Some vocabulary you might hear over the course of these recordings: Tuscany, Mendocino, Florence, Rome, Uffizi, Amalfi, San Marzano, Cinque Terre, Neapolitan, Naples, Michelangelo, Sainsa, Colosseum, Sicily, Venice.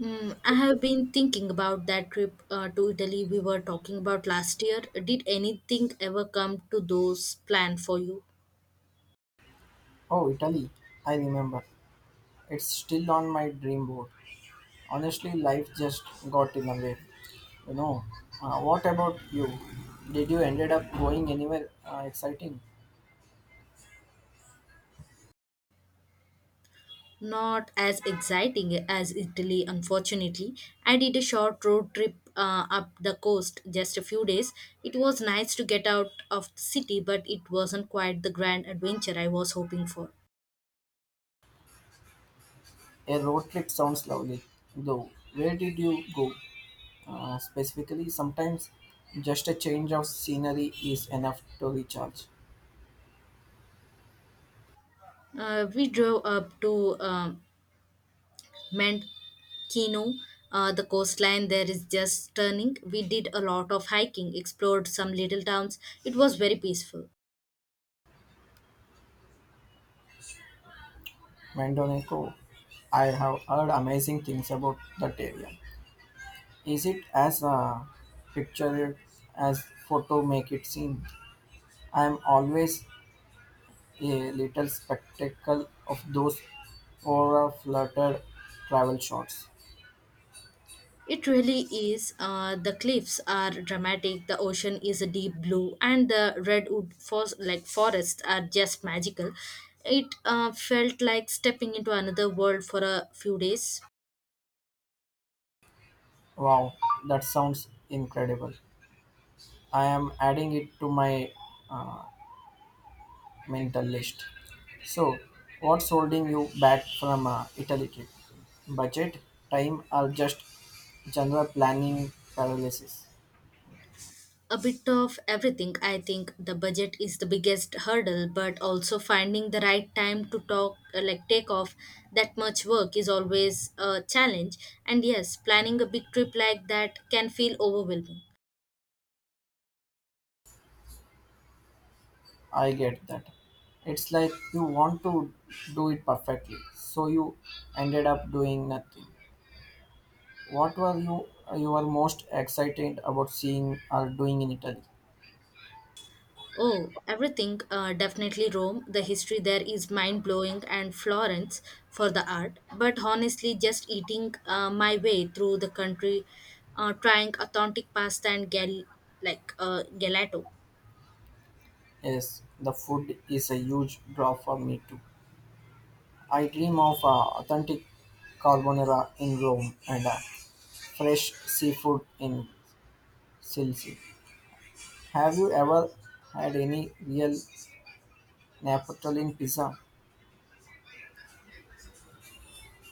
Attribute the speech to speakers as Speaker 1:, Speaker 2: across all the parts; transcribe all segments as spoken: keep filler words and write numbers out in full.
Speaker 1: Hmm, I have been thinking about that trip uh, to Italy we were talking about last year. Did anything ever come to those planned for you?
Speaker 2: Oh, Italy, I remember. It's still on my dream board. Honestly, life just got in the way. You know, uh, what about you? Did you ended up going anywhere uh, exciting?
Speaker 1: Not as exciting as Italy, unfortunately. I did a short road trip uh, up the coast just a few days. It was nice to get out of the city, but it wasn't quite the grand adventure I was hoping for.
Speaker 2: A road trip sounds lovely, though. Where did you go? Uh, specifically, sometimes just a change of scenery is enough to recharge.
Speaker 1: Uh, we drove up to um Mendocino. Uh, the coastline there is just stunning. We did a lot of hiking, explored some little towns. It was very peaceful.
Speaker 2: Mendonico, I have heard amazing things about that area. Is it as uh, pictured as photo make it seem? I'm always a little spectacle of those aura flutter travel shots.
Speaker 1: It really is. Uh, the cliffs are dramatic. The ocean is a deep blue, and the redwood for- like forests are just magical. It uh, felt like stepping into another world for a few days.
Speaker 2: Wow, that sounds incredible. I am adding it to my uh, mental list. So, what's holding you back from uh, Italy trip? Budget, time, or just general planning paralysis?
Speaker 1: a bit of everything. I think the budget is the biggest hurdle, but also finding the right time to talk, uh, like take off that much work is always a challenge. And yes, planning a big trip like that can feel overwhelming.
Speaker 2: I get that. It's like you want to do it perfectly, so you ended up doing nothing. What were you you were most excited about seeing or doing in Italy?
Speaker 1: Oh, everything, uh, definitely Rome. The history there is mind blowing, and Florence for the art. But honestly, just eating uh, my way through the country, uh, trying authentic pasta and gal- like uh, gelato.
Speaker 2: Yes, the food is a huge draw for me too. I dream of uh, authentic carbonara in Rome and uh, fresh seafood in Sicily. Have you ever had any real Neapolitan pizza?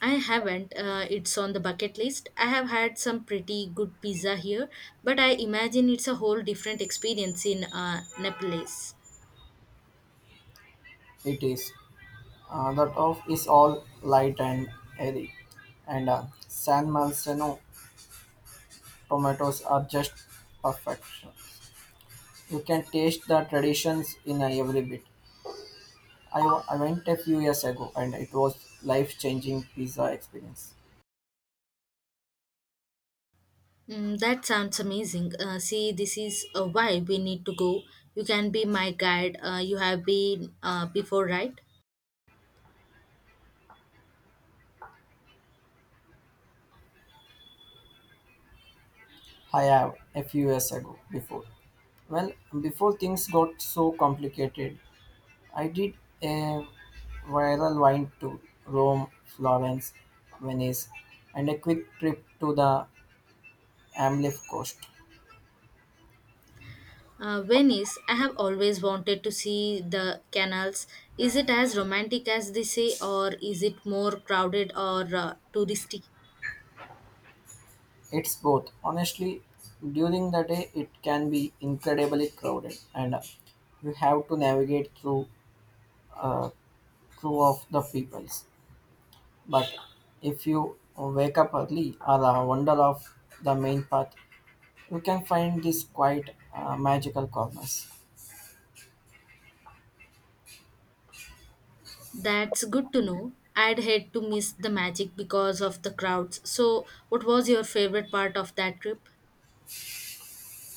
Speaker 1: I haven't. Uh, it's on the bucket list. I have had some pretty good pizza here, but I imagine it's a whole different experience in uh, Naples.
Speaker 2: It is. Uh, the top is all light and airy, and uh, San Marzano tomatoes are just perfection. You can taste the traditions in uh, every bit. I, wa- I went a few years ago, and it was life-changing pizza experience.
Speaker 1: Mm, that sounds amazing. Uh, see, this is uh, why we need to go. You can be my guide. Uh, you have been uh, before, right?
Speaker 2: I have a few years ago before. Well, before things got so complicated, I did a viral wine to Rome, Florence, Venice, and a quick trip to the Amalfi coast.
Speaker 1: Uh, Venice, I have always wanted to see the canals. Is it as romantic as they say, or is it more crowded or uh, touristy?
Speaker 2: It's both. Honestly, during the day it can be incredibly crowded and you have to navigate through, uh, through of the peoples. But if you wake up early or uh, wander off the main path, you can find these quiet uh, magical corners.
Speaker 1: That's good to know. I'd hate to miss the magic because of the crowds. So, what was your favorite part of that trip?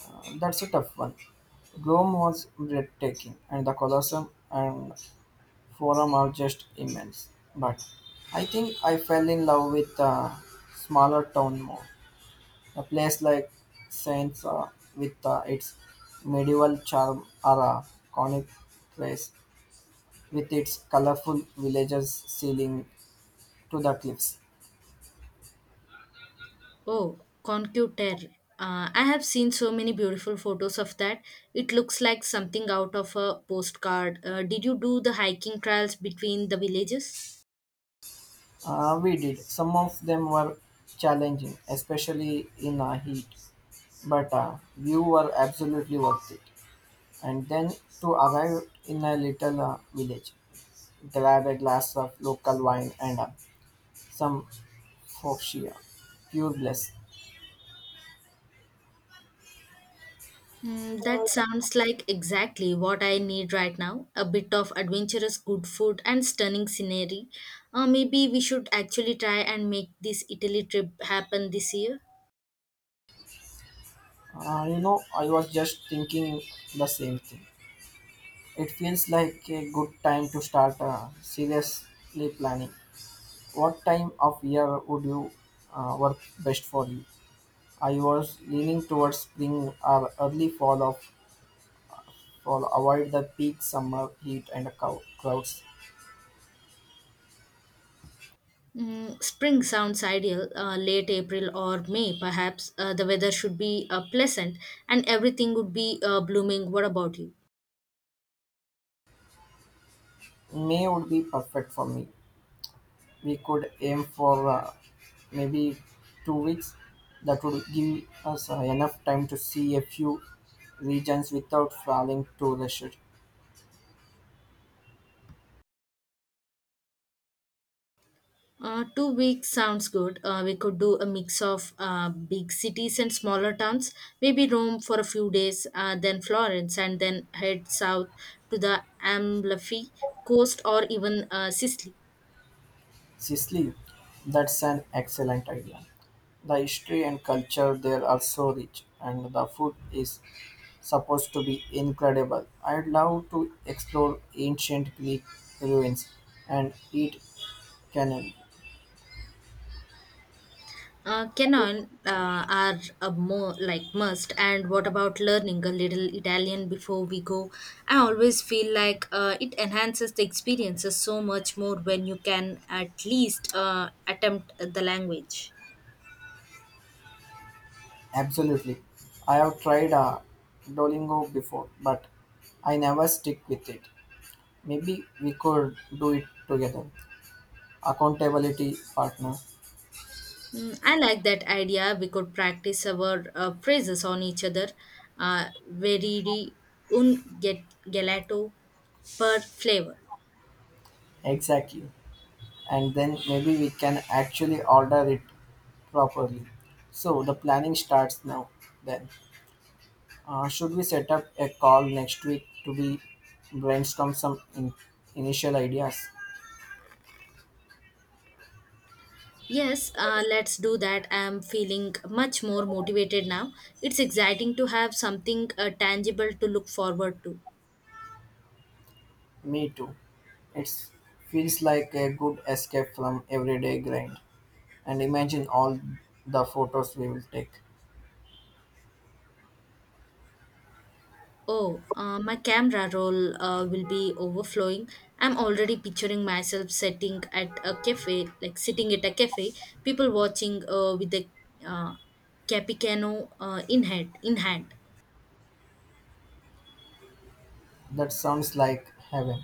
Speaker 2: Uh, that's a tough one. Rome was breathtaking and the Colosseum and Forum are just immense. But I think I fell in love with the smaller town more. A place like Sainsa, with uh, its medieval charm, or a conic place with its colorful villages sailing to the cliffs.
Speaker 1: Oh, Concute Terre. Uh, I have seen so many beautiful photos of that. It looks like something out of a postcard. Uh, did you do the hiking trails between the villages?
Speaker 2: Uh, we did. Some of them were challenging, especially in uh, heat, but uh, you were absolutely worth it. And then to arrive in a little uh, village, grab a glass of local wine and uh, some foxia, pure bliss.
Speaker 1: Mm, that sounds like exactly what I need right now. A bit of adventurous good food and stunning scenery. Uh, maybe we should actually try and make this Italy trip happen this year.
Speaker 2: Uh, you know, I was just thinking the same thing. It feels like a good time to start uh, seriously planning. What time of year would you uh, work best for you? I was leaning towards spring or early fall of fall. Avoid the peak summer heat and cow- crowds.
Speaker 1: Mm, spring sounds ideal, uh, late April or May, perhaps. Uh, the weather should be uh, pleasant and everything would be uh, blooming. What about you?
Speaker 2: May would be perfect for me. We could aim for uh, maybe two weeks. That would give us uh, enough time to see a few regions without falling too rush.
Speaker 1: Uh, two weeks sounds good. Uh, we could do a mix of uh, big cities and smaller towns, maybe Rome for a few days, uh, then Florence, and then head south to the Amalfi coast or even uh, Sicily.
Speaker 2: Sicily, that's an excellent idea. The history and culture there are so rich, and the food is supposed to be incredible. I'd love to explore ancient Greek ruins and eat cannon.
Speaker 1: Uh, canon uh, are a more like must. And what about learning a little Italian before we go? I always feel like uh, it enhances the experiences so much more when you can at least uh, attempt the language.
Speaker 2: Absolutely. I have tried uh, Duolingo before, but I never stick with it. Maybe we could do it together. Accountability partner.
Speaker 1: Mm, I like that idea. We could practice our uh, phrases on each other. Uh, veriri un get- gelato per flavor.
Speaker 2: Exactly. And then maybe we can actually order it properly. So the planning starts now. Then, uh, should we set up a call next week to be brainstorm some in- initial ideas?
Speaker 1: Yes, uh, let's do that. I'm feeling much more motivated now. It's exciting to have something uh, tangible to look forward to.
Speaker 2: Me too. It feels like a good escape from everyday grind. And imagine all the photos we will take.
Speaker 1: Oh, uh, my camera roll uh, will be overflowing. I'm already picturing myself sitting at a cafe, like sitting at a cafe, people watching uh, with the uh, capicano uh, in hand. In hand,
Speaker 2: That sounds like heaven.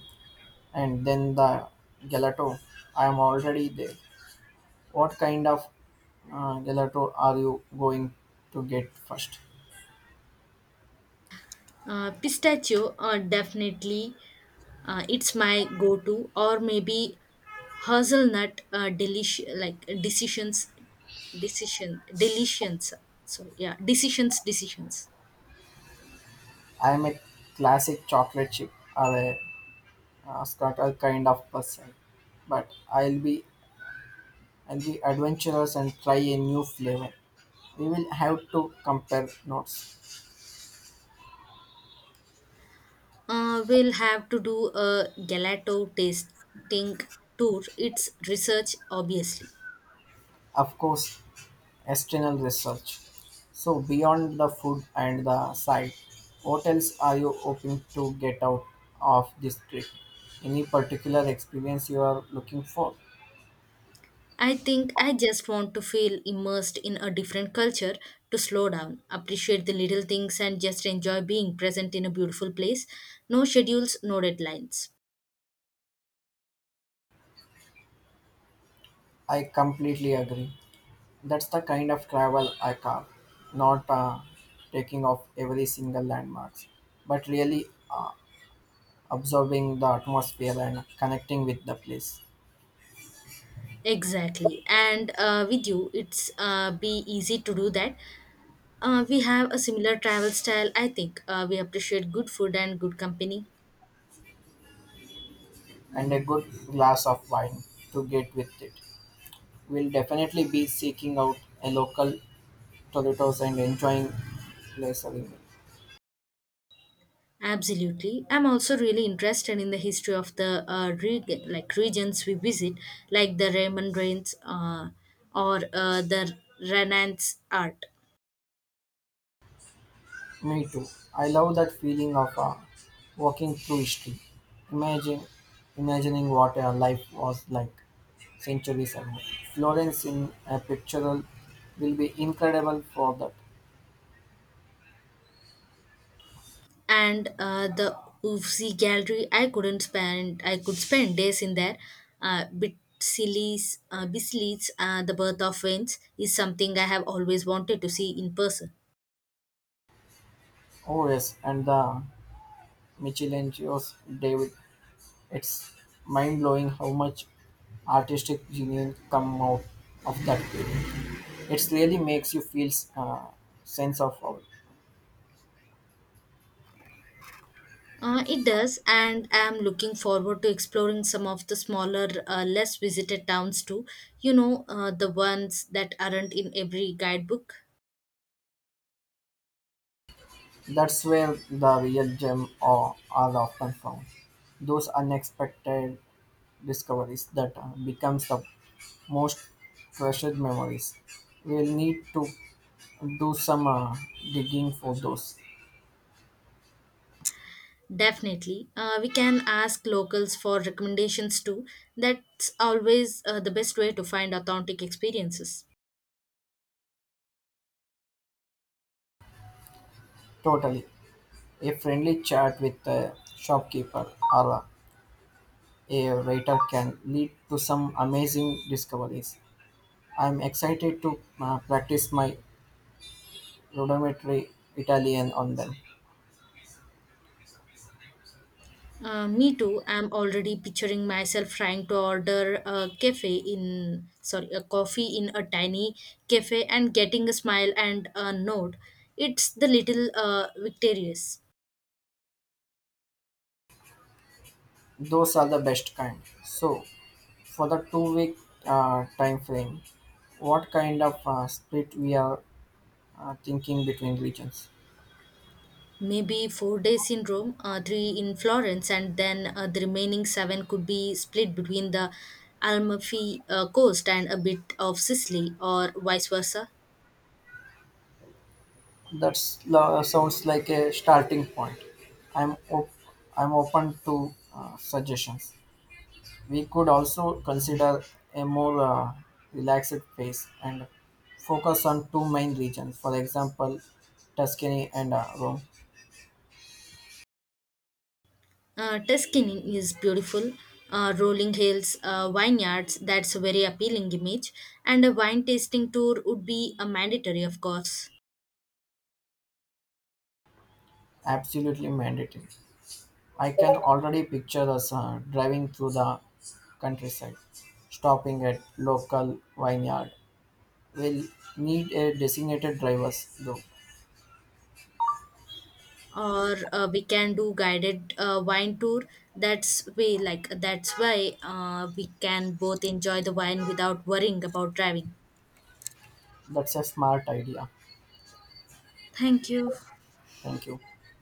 Speaker 2: And then the gelato. I am already there. What kind of uh, gelato are you going to get first?
Speaker 1: uh, pistachio uh, definitely. Uh, it's my go-to, or maybe hazelnut uh, delish like decisions, decision, delitions. Sorry, yeah, decisions, decisions.
Speaker 2: I am a classic chocolate chip or a uh, scatter kind of person, but I'll be I'll be adventurous and try a new flavor. We will have to compare notes.
Speaker 1: Uh, we'll have to do a gelato tasting tour. It's research, obviously.
Speaker 2: Of course, external research. So, beyond the food and the site, what else are you hoping to get out of this trip? Any particular experience you are looking for?
Speaker 1: I think I just want to feel immersed in a different culture to slow down, appreciate the little things, and just enjoy being present in a beautiful place. No schedules, no deadlines.
Speaker 2: I completely agree. That's the kind of travel I carve, not uh, taking off every single landmarks, but really uh, absorbing the atmosphere and connecting with the place,
Speaker 1: Exactly. And uh, with you, it's uh, be easy to do that. Uh, we have a similar travel style, I think. Uh, we appreciate good food and good company.
Speaker 2: and a good glass of wine to get with it. We'll definitely be seeking out a local Doritos and enjoying lasagna.
Speaker 1: Absolutely. I'm also really interested in the history of the uh, reg- like regions we visit, like the Raymond Rains uh, or uh, the Renaissance art.
Speaker 2: Me too. I love that feeling of uh, walking through history. Imagine, imagining what our life was like centuries ago. Florence in a pictorial will be incredible for that.
Speaker 1: and uh, the Ufsi gallery I couldn't spend I could spend days in there uh, bit sillies uh, Bisley's uh, the birth of winds is something I have always wanted to see in person.
Speaker 2: Oh yes, and the Michelangelo's David. It's mind blowing how much artistic genius come out of that period. It really makes you feel a sense of awe.
Speaker 1: Uh, it does, and I am looking forward to exploring some of the smaller uh, less visited towns too. You know uh, the ones that aren't in every guidebook.
Speaker 2: That's where the real gem are, are often found. Those unexpected discoveries that uh, becomes the most treasured memories. We'll need to do some uh, digging for those.
Speaker 1: Definitely. Uh, we can ask locals for recommendations too. That's always uh, the best way to find authentic experiences.
Speaker 2: Totally. A friendly chat with a shopkeeper or a writer can lead to some amazing discoveries. I'm excited to uh, practice my rudimentary Italian on them.
Speaker 1: Uh, me too. I'm already picturing myself trying to order a cafe in, sorry, a coffee in a tiny cafe and getting a smile and a nod. It's the little uh, victorious.
Speaker 2: Those are the best kind. So, for the two week uh, time frame, what kind of uh, split we are uh, thinking between regions?
Speaker 1: Maybe four days in Rome, uh, three in Florence, and then uh, the remaining seven could be split between the Amalfi uh, coast and a bit of Sicily, or vice versa.
Speaker 2: That sounds like a starting point. I'm op- I'm open to uh, suggestions. We could also consider a more uh, relaxed phase and focus on two main regions, for example, Tuscany and uh, Rome.
Speaker 1: Uh, Tuscany is beautiful. Uh, rolling hills, uh, vineyards, that's a very appealing image. And a wine tasting tour would be a mandatory, of course.
Speaker 2: Absolutely mandatory. I can already picture us uh, driving through the countryside, stopping at local vineyard. We'll need a designated drivers though.
Speaker 1: Or uh, we can do guided uh, wine tour. That's way like that's why uh, we can both enjoy the wine without worrying about driving.
Speaker 2: That's a smart idea.
Speaker 1: Thank you.
Speaker 2: Thank you.